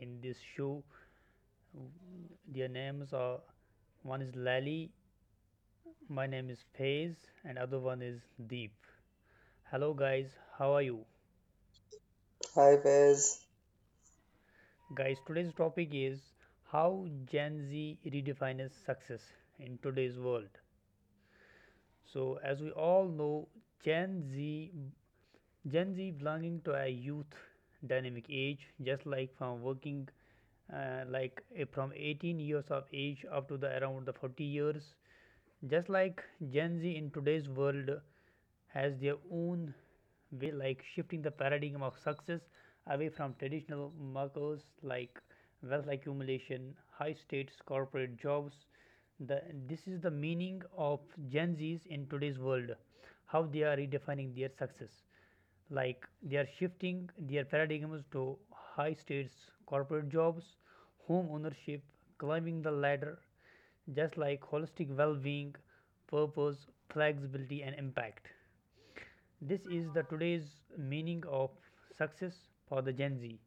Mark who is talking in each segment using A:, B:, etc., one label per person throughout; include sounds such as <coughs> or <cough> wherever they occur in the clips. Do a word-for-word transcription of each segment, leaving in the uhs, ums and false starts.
A: in this show. Their names are: one is Lali, my name is Faiz, and other one is Deep. Hello guys, how are you?
B: Hi Faiz.
A: Guys, today's topic is how Gen Z redefines success in today's world. So as we all know, Gen Z Gen Z belonging to a youth dynamic age, just like from working uh, like uh, from eighteen years of age up to the around the forty years, just like Gen Z in today's world has their own way, like shifting the paradigm of success away from traditional markers like wealth accumulation, high states corporate jobs, the, this is the meaning of Gen Z's in today's world, how they are redefining their success, like they are shifting their paradigms to high states corporate jobs, home ownership, climbing the ladder, just like holistic well being, purpose, flexibility, and impact. This is the today's meaning of success for the Gen Z,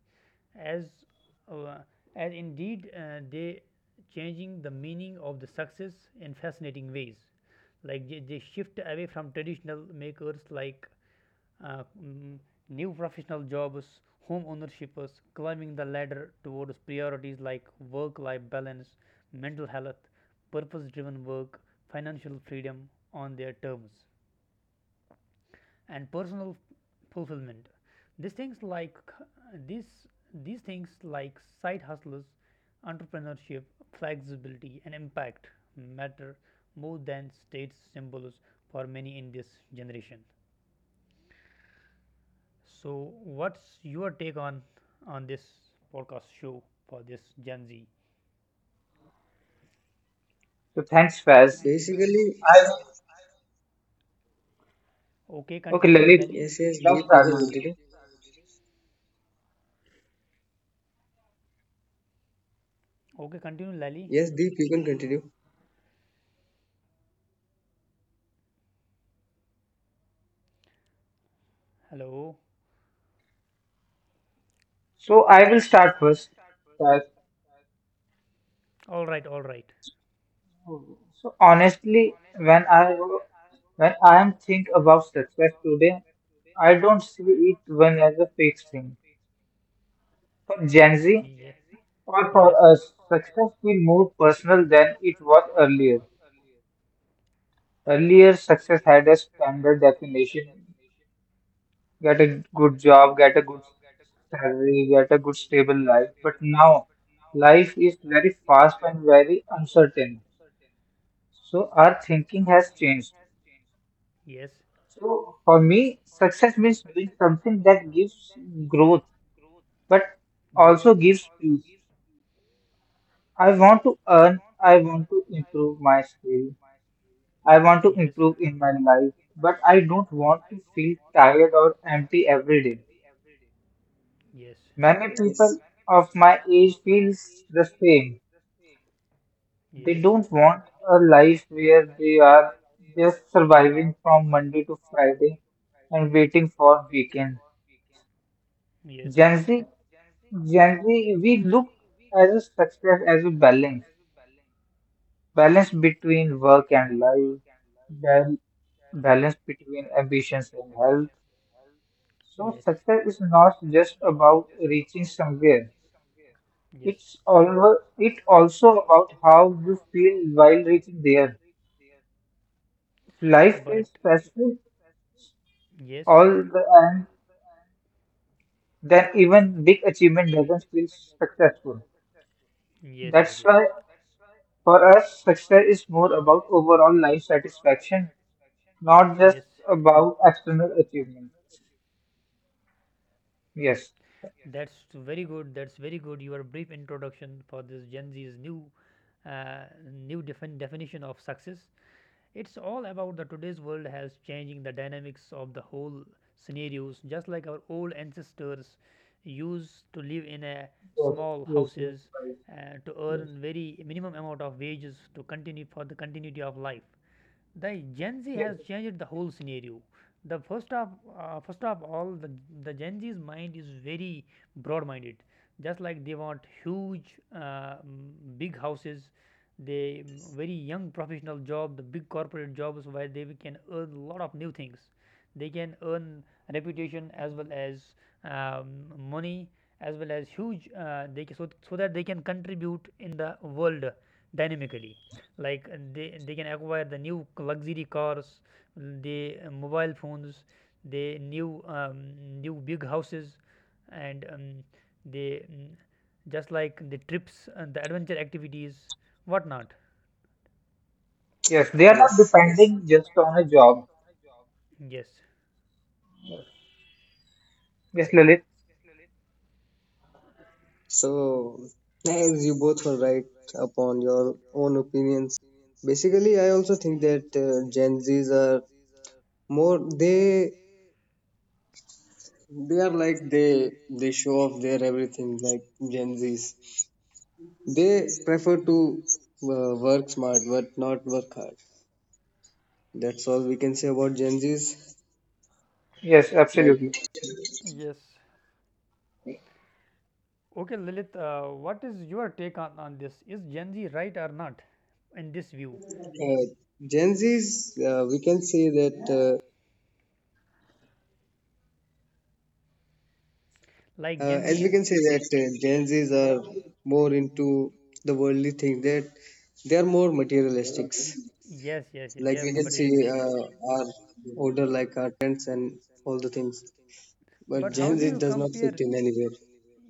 A: as uh, as indeed uh, they changing the meaning of the success in fascinating ways. Like they, they shift away from traditional makers like uh, mm, new professional jobs, home ownerships, climbing the ladder towards priorities like work-life balance, mental health, purpose-driven work, financial freedom on their terms and personal fulfillment. These things, like these these things like side hustles, entrepreneurship, flexibility, and impact matter more than state symbols for many in this generation. So, what's your take on on this podcast show for this Gen Z?
C: So thanks, Faz.
B: Basically,
C: I will,
A: Okay,
C: okay,
A: continue,
C: Lalit,
A: Lali.
B: yes, yes,
C: let's
B: Deep, you
C: start
B: can
C: now.
B: continue.
A: Okay, continue, Lali.
B: Yes, Deep, you can continue.
A: Hello.
C: So I will start first. Faz.
A: All right, all right.
C: So honestly, when I when I am think about success today, I don't see it when as a fixed thing. For Gen Z
A: Yes.
C: or
A: Yes.
C: for us, success feel more personal than it was earlier. Earlier, success had a standard definition, get a good job, get a good salary, get a good stable life. But now, life is very fast and very uncertain. So our thinking has changed.
A: Yes.
C: So for me, success means doing something that gives growth, but
A: But yes.
C: also gives peace. I want to earn, I want to improve my skill, I want to
A: Yes.
C: improve in my life, but I don't want to feel tired or empty every day.
A: Yes.
C: Many
B: Yes,
C: people of my age feels the same. They
A: Yes.
C: don't want a life where they are just surviving from Monday to Friday and waiting for weekend.
A: Yes.
C: Gen Z, Gen Z, we look as a success as a balance, balance between work and life, bal- balance between ambitions and health. So
A: Yes.
C: success is not just about reaching somewhere.
A: Yes.
C: It's all, it also about how you feel while reaching there. Life is
A: But, like,
C: stressful
A: yes.
C: all the and then even big achievement doesn't feel successful.
A: Yes. Yes.
C: That's
A: Yes.
C: why for us, success is more about overall life satisfaction, not just
A: Yes. Not.
C: about external achievement. Yes.
A: That's very good. That's very good. Your brief introduction for this Gen Z's new, uh, new defin- definition of success. It's all about the today's world has changing the dynamics of the whole scenarios, just like our old ancestors used to live in a
C: Yes.
A: small
C: Yes. Yes.
A: houses
C: Right.
A: uh, to
C: Yes.
A: earn very minimum amount of wages to continue for the continuity of life. The Gen Z
C: Yes.
A: has changed the whole scenario. The first of uh, first of all, the the Gen Z's mind is very broad-minded. Just like they want huge, uh, mm, big houses, they mm, very young professional job, the big corporate jobs where they can earn a lot of new things. They can earn reputation as well as um, money as well as huge. Uh, they so so that they can contribute in the world dynamically, like uh, they they can acquire the new luxury cars, the uh, mobile phones, the new um, new big houses, and um, the mm, just like the trips and the adventure activities, whatnot.
C: Yes. They are not
B: yes, yes.
C: depending just on a job.
A: Yes,
C: Yes, Lilith.
B: So, as you both were right upon your own opinions, basically, I also think that uh, Gen Zs are more they they are like they they show off their everything like Gen Zs. They prefer to uh, work smart but not work hard. That's all we can say about Gen Zs.
C: Yes, absolutely.
B: Like
A: yes. Okay, Lilith. Uh, what is your take on, on this, is Gen Z right or not in this view,
B: Uh, Gen Zs, uh, we can say that, uh,
A: like
B: uh,
A: Gen
B: as
A: Z
B: we
A: is?
B: can say that uh, Gen Zs are more into the worldly thing, that they are more materialistics.
A: Yes, yes, yes, they
B: Like
A: are
B: we
A: more
B: can see
A: materialistic.
B: uh, our older, like our parents and all the things. But
A: But how
B: Gen
A: do
B: Z
A: you
B: does not fit
A: compare?
B: in anywhere.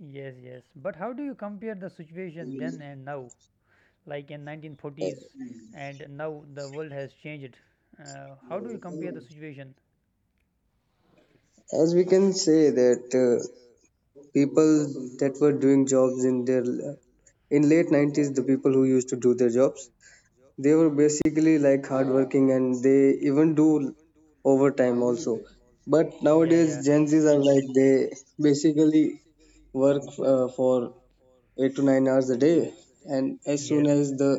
A: Yes, yes. But how do you compare the situation then and now? Like in nineteen forties and now the world has changed. Uh, how do you compare the situation?
B: As we can say that uh, people that were doing jobs in their in late nineties, the people who used to do their jobs, they were basically like hardworking and they even do overtime also. But
A: Yeah,
B: nowadays,
A: yeah.
B: Gen Zs are like they basically work uh, for eight to nine hours a day, and as soon
A: Yes,
B: as the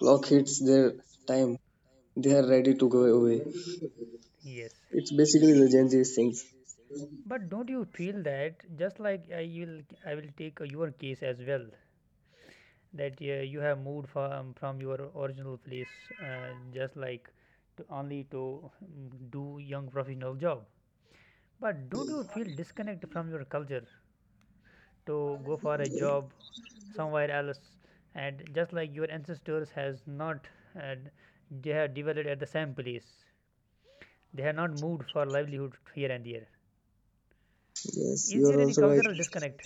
B: clock hits their time, they are ready to go away.
A: yes.
B: It's basically the Gen Z things.
A: But don't you feel that, just like I will, I will take uh, your case as well, that uh, you have moved from from your original place, uh, just like to only to mm, do young professional job. But don't you feel disconnected from your culture to go for a job somewhere else? And just like your ancestors has not, uh, they have developed at the same place. They have not moved for livelihood here and there.
B: Yes,
A: Is
B: you are
A: there any
B: also right.
A: cultural disconnect?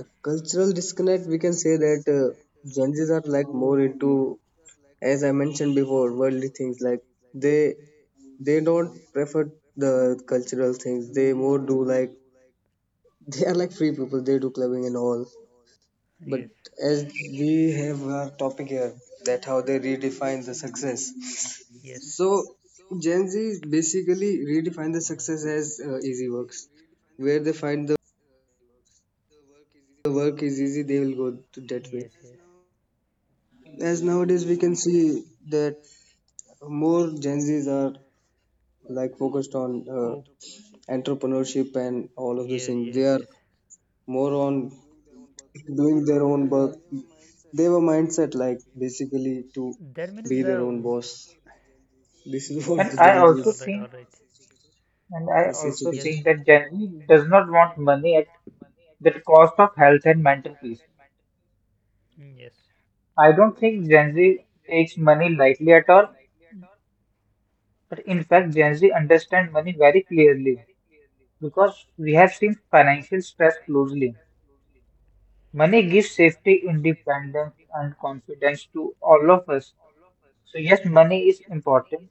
B: A cultural disconnect, we can say that uh, Gen Zs are like more into, as I mentioned before, worldly things. Like they they don't prefer the cultural things. They more do like <laughs> they are like free people. They do clubbing and all. But
A: Yes,
B: as we have our topic here, that how they redefine the success.
A: yes,
B: So Gen Z basically redefine the success as uh, easy works. Where they find the work is easy, they will go to that way.
A: yes, yes.
B: As nowadays we can see that more Gen Zs are like focused on uh,
A: Oh,
B: entrepreneurship and all of those
A: yes,
B: things. They
A: yes,
B: are
A: yes.
B: more on doing their own work. They have a mindset like basically to
A: That means
B: be their
A: the
B: own boss. This is <laughs> what
C: And
B: the
A: <laughs>
C: I
B: Gen
A: yes.
B: Z
C: also
B: is.
A: All right,
C: think,
A: all right.
C: and I
B: Yes, yes, you
C: also
B: can
A: Yes.
B: say.
A: th-
C: think that Gen Z does not want money at the cost of health and mental peace.
A: Mm, Yes.
C: I don't think Gen Z takes money lightly at all. But in fact, Gen Z understand money very clearly because we have seen financial stress closely. Money gives safety, independence, and confidence to all of us. So, yes, money is important,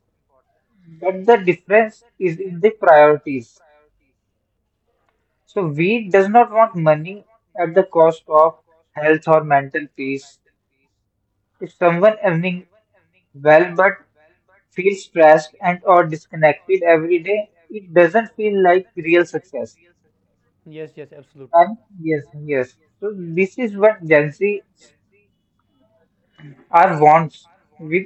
C: but the difference is in the priorities. So, we does not want money at the cost of health or mental peace. If someone earning well but feels stressed and or disconnected every day, it doesn't feel like real success.
A: Yes, yes, absolutely.
C: Um, yes, yes. So this is what Gen Z are wants with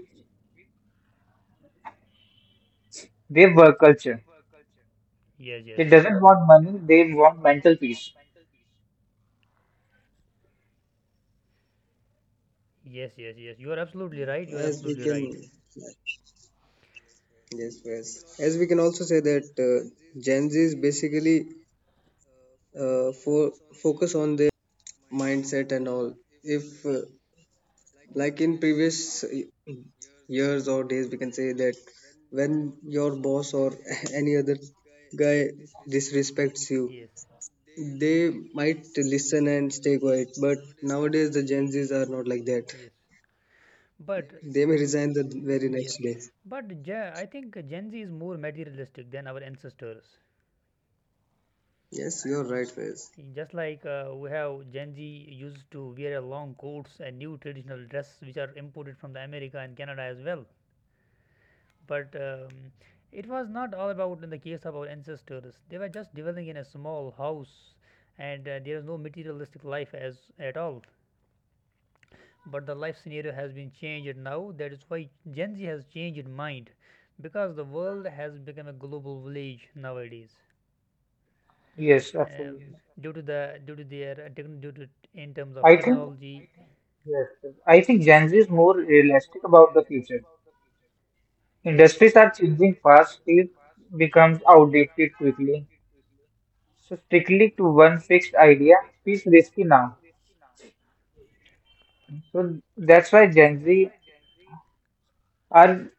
C: their work culture.
A: Yes. Yes.
C: They doesn't want money, they want mental peace.
A: Yes. Yes. Yes. You are absolutely right. You are
B: As we
A: absolutely
B: can,
A: right.
B: like, yes, yes. As we can also say that uh, Gen Z is basically uh, for focus on their mindset and all. If uh, like in previous years or days, we can say that when your boss or <laughs> any other guy disrespects you,
A: Yes.
B: they might listen and stay quiet, but nowadays the Gen Zs are not like that.
A: Yes. But
B: They may resign the very
A: yes.
B: next day.
A: But Gen, I think Gen Z is more materialistic than our ancestors.
B: Yes, you're right, Faiz.
A: Just like uh, we have Gen Z used to wear a long coats and new traditional dress, which are imported from the America and Canada as well. But um, it was not all about in the case of our ancestors. They were just dwelling in a small house, and uh, there is no materialistic life as at all. But the life scenario has been changed now. That is why Gen Z has changed its mind, because the world has become a global village nowadays.
C: Yes,
A: Um, Yes.
C: absolutely.
A: Due to the due to their uh, techn- due to in terms of
C: I think
A: technology,
C: yes, yes. I think Gen Z is more realistic about the future.
A: yes,
C: Industries are changing fast, it becomes outdated quickly. So strictly to one fixed idea is risky now. So that's why Gen Z are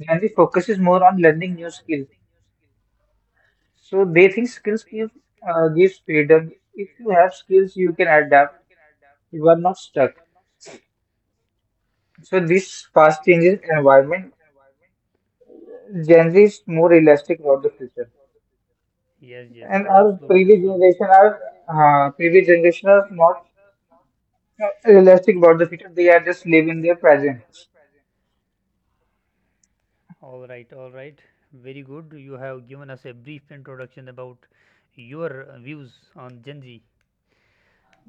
C: Gen Z focuses more on learning new skills. So they think skills give uh, gives freedom. If you have skills, you can adapt. You are not stuck. So this fast changing environment, Gen Z is more realistic about the future.
A: yes, yes, yes,
C: And our
A: absolutely,
C: previous
A: absolutely.
C: generation, our uh, previous generation are not uh, realistic about the future. They are just living their present.
A: All right, all right. Very good. You have given us a brief introduction about your uh, views on Gen Z.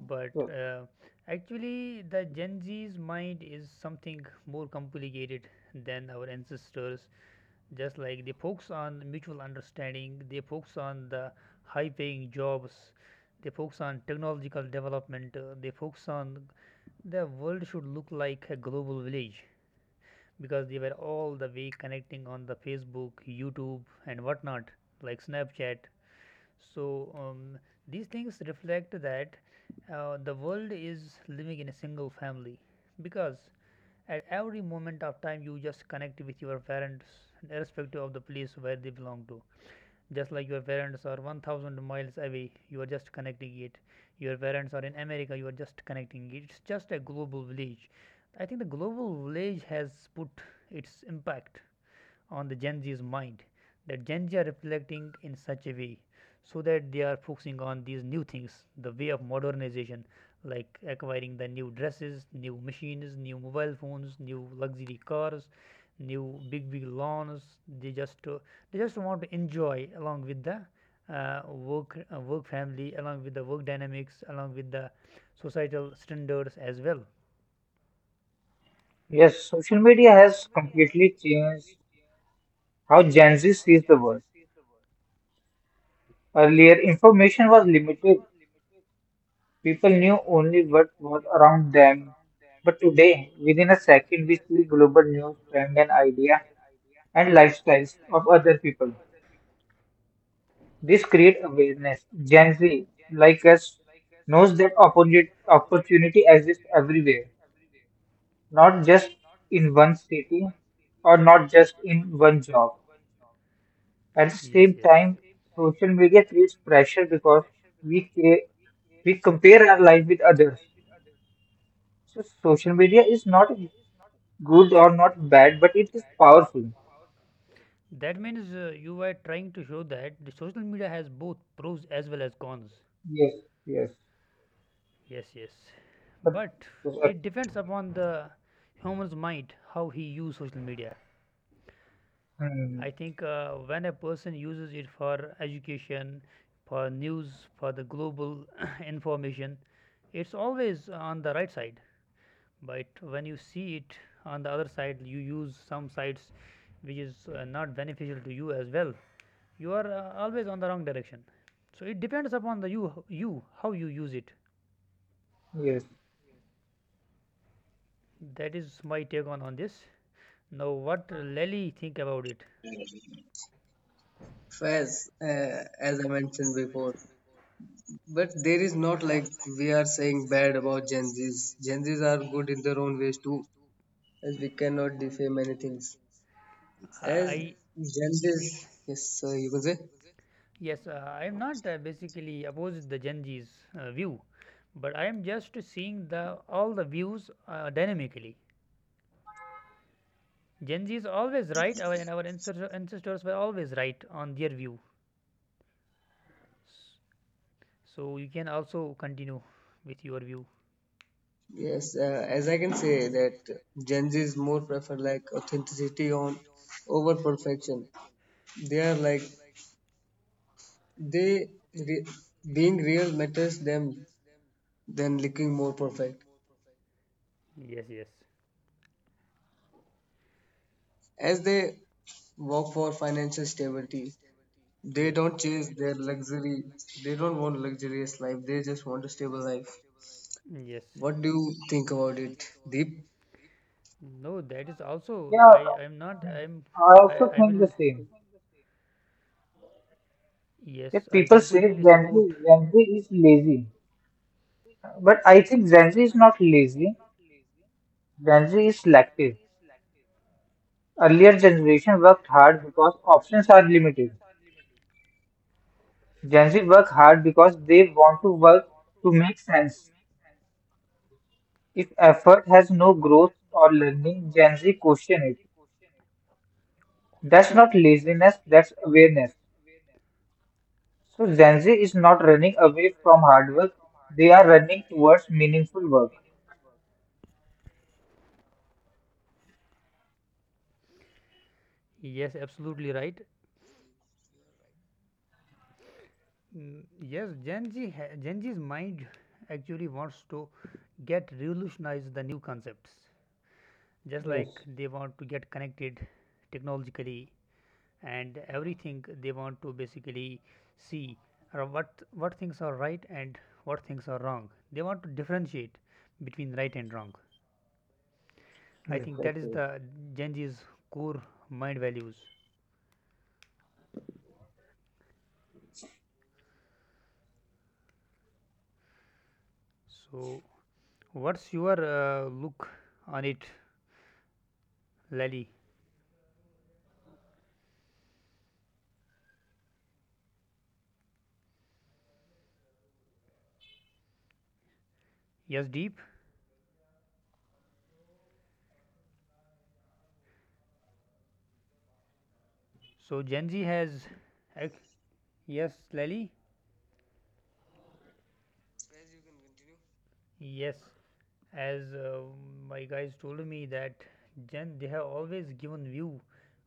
A: But
C: So
A: uh, actually, the Gen Z's mind is something more complicated than our ancestors. Just like they focus on mutual understanding, they focus on the high paying jobs, they focus on technological development, uh, they focus on the world should look like a global village, because they were all the way connecting on the Facebook, YouTube, and whatnot, like Snapchat. So um, these things reflect that uh, the world is living in a single family, because at every moment of time you just connect with your parents irrespective of the place where they belong to, just like your parents are one thousand miles away, you are just connecting it. Your parents are in America, you are just connecting it. It's just a global village. I think the global village has put its impact on the Gen Z's mind, that Gen Z are reflecting in such a way, so that they are focusing on these new things, the way of modernization, like acquiring the new dresses, new machines, new mobile phones, new luxury cars, new big big lawns. They just uh, they just want to enjoy along with the uh, work uh, work family, along with the work dynamics, along with the societal standards as well.
C: yes, social media has completely changed how Gen Z sees the world. Earlier, information was limited. People knew only what was around them. But today, within a second, we see global news, trend and idea and lifestyles of other people. This creates awareness. Gen Z, like us, knows that opportunity, opportunity exists everywhere, not just in one city or not just in one job. At the
A: Yes,
C: same
A: yes.
C: time, social media creates pressure because we create we compare our life with others. So social media is not good or not bad, but it is powerful.
A: That means uh, you were trying to show that the social media has both pros as well as cons.
C: Yes, yes.
A: Yes, yes.
C: But,
A: But it depends upon the human's mind how he use social media.
C: hmm,
A: I think uh, when a person uses it for education, for news, for the global <coughs> <clears throat> information, it's always on the right side. But when you see it on the other side, you use some sites which is uh, not beneficial to you as well. You are uh, always on the wrong direction, so it depends upon the you you, how you use it.
C: yes.
A: That is my take on on this. Now, what Lely think about it?
B: Faz, uh, as I mentioned before. But there is not like we are saying bad about Gen Zs. Gen Zs are good in their own ways too, as we cannot defame many things. As
A: I, I
B: Gen Zs, yes, sir, you can say.
A: Yes. uh, I am not uh, basically opposed the Gen Z's uh, view, but I am just seeing the all the views uh, dynamically. Gen Z is always right, our, and our ancestors were always right on their view, so you can also continue with your view.
B: Yes, uh, as I can say that Gen Zs more prefer like authenticity on over perfection. They are like they re- being real matters them than looking more perfect.
A: Yes, yes,
B: As they work for financial stability, they
A: yes,
B: don't chase their luxury. They don't want luxurious life. They just want a stable life.
A: yes.
B: What do you think about it, Deep?
A: No, that is also,
C: Yeah,
A: I I'm not
C: hmm.
A: I'm
C: I
A: I
C: also
A: I
C: think the
A: will,
C: same.
A: yes,
C: That
A: I
C: people say Gen
A: completely support,
C: Z, Gen Z is lazy. But I think Gen Z is not lazy. Gen Z is selective. Earlier generation worked hard because options are limited. Gen Z work hard because they want to work to make sense. If effort has no growth or learning, Gen Z question it. That's not laziness, that's awareness. So Gen Z is not running away from hard work, they are running towards meaningful work.
A: yes, absolutely right. Mm, yes. Gen Z ha- Gen Z's mind actually wants to get revolutionize the new concepts, just
C: Yes,
A: like they want to get connected technologically and everything. They want to basically see uh, what what things are right and what things are wrong. They want to differentiate between right and wrong. I
C: yes,
A: think
C: that's
A: that is
C: it.
A: the Gen Z's core mind values. So, what's your uh, look on it, Lally? Yes, Deep. So Gen Z has, ac- yes, Lally. Yes, as uh, my guys told me, that Gen they have always given view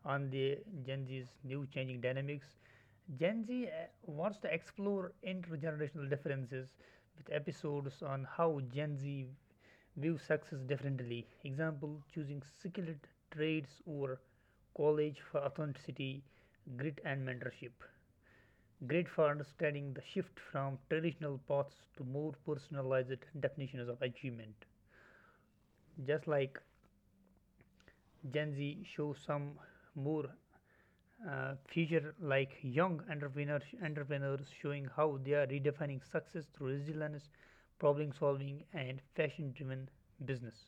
A: on the Gen Z's new changing dynamics. Gen Z uh, wants to explore intergenerational differences, with episodes on how Gen Z view success differently. Example: choosing skilled trades over college for authenticity, grit, and mentorship. Great for understanding the shift from traditional paths to more personalized definitions of achievement. Just like Gen Z shows some more uh, future, like young entrepreneurs, entrepreneurs showing how they are redefining success through resilience, problem solving, and fashion driven business.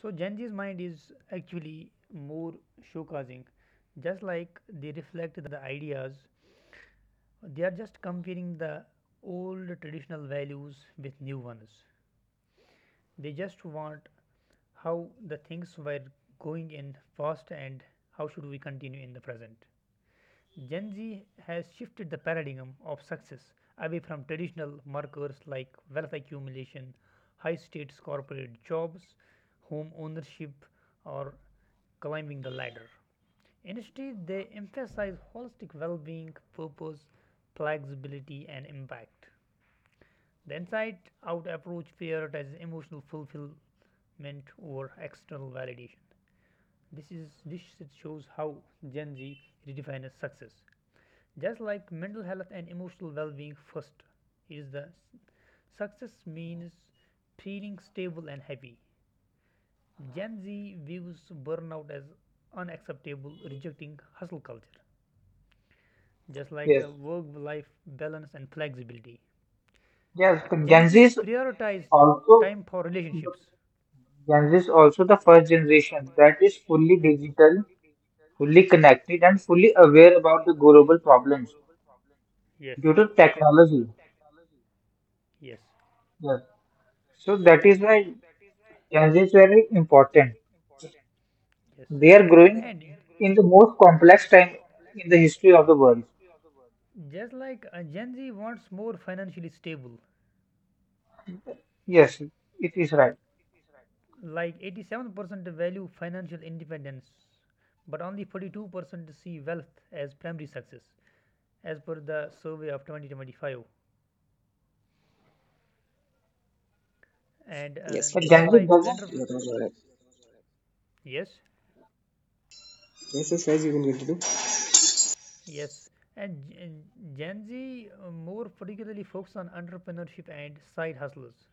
A: So Gen Z's mind is actually more showcasing, just like they reflect the ideas, they are just comparing the old traditional values with new ones. They just want how the things were going in past, and how should we continue in the present. Gen Z has shifted the paradigm of success away from traditional markers like wealth accumulation, high stakes corporate jobs, home ownership, or climbing the ladder. Instead, they emphasize holistic well being, purpose, flexibility, and impact. The inside out approach prioritizes emotional fulfillment over external validation. This, is, this shows how Gen Z redefines success, just like mental health and emotional well being, first it is the success means feeling stable and happy. Gen Z views burnout as unacceptable, rejecting hustle culture, just like
C: Yes,
A: the work life balance and flexibility.
C: yes.
A: Gen
C: Gen Z
A: Z
C: is
A: prioritize
C: also
A: time for relationships.
C: Gen Z is also the first generation that is fully digital, fully connected, and fully aware about the global problems
A: Yes,
C: due to technology.
A: yes,
C: Yes. So that is why Gen Z is very important.
A: yes.
C: They are growing
A: And
C: in the most complex time in the history of the world.
A: just like uh, Gen Z wants more financially stable,
C: Yes, it is right.
A: like eighty-seven percent value financial independence, but only forty-two percent see wealth as primary success, as per the survey of twenty twenty-five. And uh,
B: Yes,
C: But Gen
A: just
C: Z
A: like
C: doesn't.
A: enter
B: you're all right.
A: yes,
B: Yes, yes, guys, you can continue.
A: yes. And Gen Z uh, more particularly focus on entrepreneurship and side hustlers,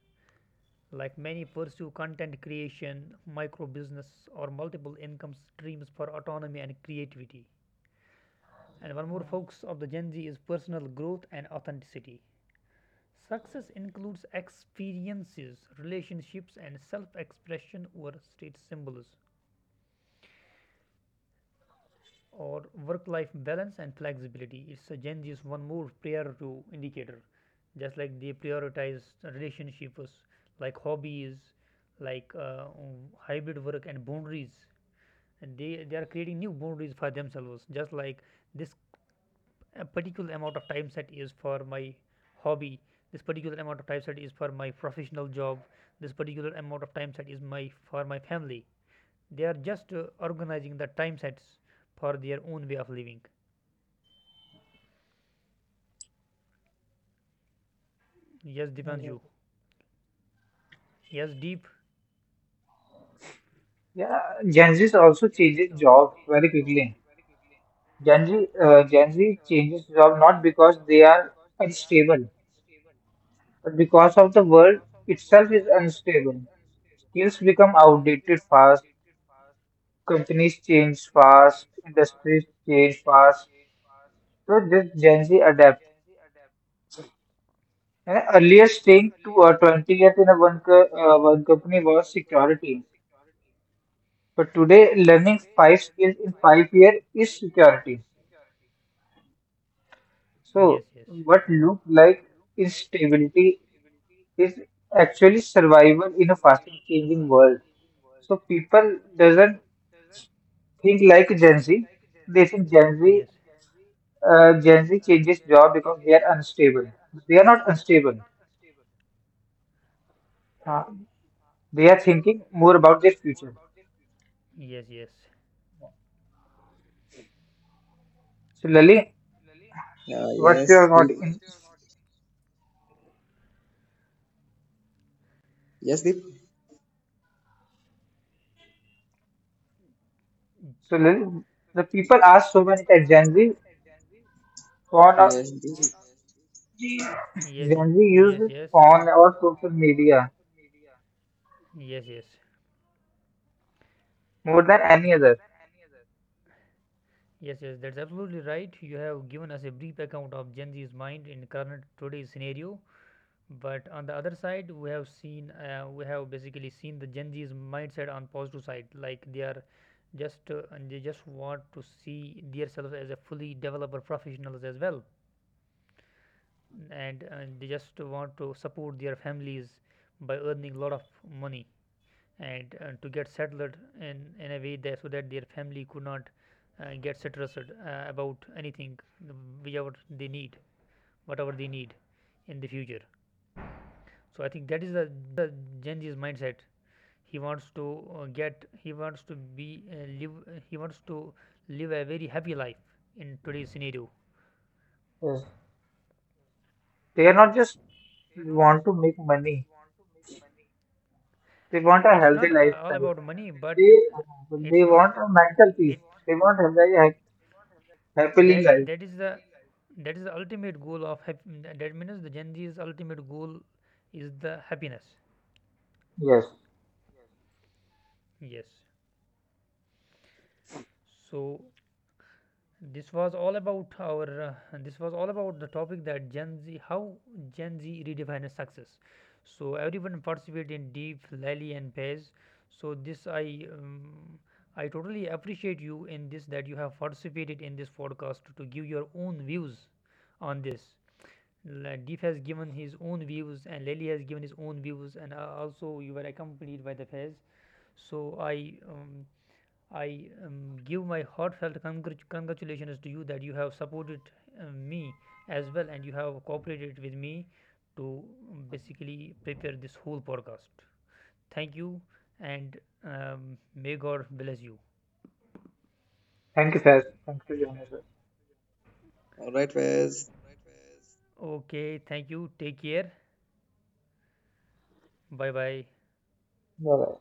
A: like many pursue content creation, micro business, or multiple income streams for autonomy and creativity. And one more focus of the Gen Z is personal growth and authenticity. Success includes experiences, relationships, and self expression over state symbols, or work life balance and flexibility. It's a Gen Z's one more prior to indicator. Just like they prioritize relationships, like hobbies, like uh, um, hybrid work and boundaries. And they, they are creating new boundaries for themselves. Just like this, a particular amount of time set is for my hobby, this particular amount of time set is for my professional job, this particular amount of time set is my for my family. They are just uh, organizing the time sets for their own way of living. Yes, Dipanshu. Yes, Deep.
C: Yeah, Gen Z also changes job very quickly. Gen Z, uh, Gen Z changes job not because they are unstable, but because of the world itself is unstable. Skills become outdated fast. Companies change fast. Industries change fast. So this Gen Z adapt. And earlier, staying to uh, twenty years in a one co- uh, one company was security. But today, learning five skills in five years is security. So,
A: Yes, yes,
C: what looked like instability is actually survival in a fast changing world. So, people doesn't think like Gen Z. They think Gen Z,
A: yes,
C: uh, Gen Z changes job because they are unstable. They are not unstable. Uh, they are thinking more about their future.
A: yes, yes, yes,
C: So, Lily,
B: Uh,
C: what you are
B: yes,
C: not
B: Deep.
C: in?
B: Yes, Deep.
C: So, Lily, the people ask so many times Gen Z, gone or
B: Yes, Deep.
A: yes,
C: Gen Z
A: yes,
C: uses
A: yes,
C: phone or social media
A: yes,
C: more than any other.
A: yes, yes. That's absolutely right. You have given us a brief account of Gen Z's mind in current today's scenario. But on the other side, we have seen uh, we have basically seen the Gen Z's mindset on positive side, like they are just uh, and they just want to see themselves as a fully developer professionals as well, and, and they just want to support their families by earning a lot of money, and uh, to get settled in in a way that, so that their family could not uh, get stressed uh, about anything, uh, whatever they need, whatever they need in the future. So I think that is the Gen Z's mindset. He wants to uh, get, he wants to be, uh, live, uh, he wants to live a very happy life in today's scenario.
C: Yes. They are not just want to make money. They want a
A: It's
C: healthy
A: not uh, all
C: lifestyle.
A: about money, but
C: They
A: it's
C: they
A: not,
C: want
A: uh,
C: a mental peace.
A: it,
C: They want a very ha- happily
A: that
C: life.
A: that is the, that is the ultimate goal of hap- that means, the Gen Z's ultimate goal is the happiness.
C: Yes.
A: Yes. So this was all about our uh, this was all about the topic, that gen z how Gen Z redefines success. So everyone participated in: Deep, Lally, and Pez. So this, i um, i totally appreciate you in this, that you have participated in this podcast to, give your own views on this. La- Deep has given his own views, and Lely has given his own views, and uh, also you were accompanied by the Fez. So I um, I um, give my heartfelt congr- congratulations to you, that you have supported uh, me as well, and you have cooperated with me to um, basically prepare this whole podcast. Thank you, and um, may God bless you.
C: Thank you, sir. Thanks for joining us.
B: All right, Faiz.
A: Okay, thank you. Take care. Bye bye.
C: Bye bye.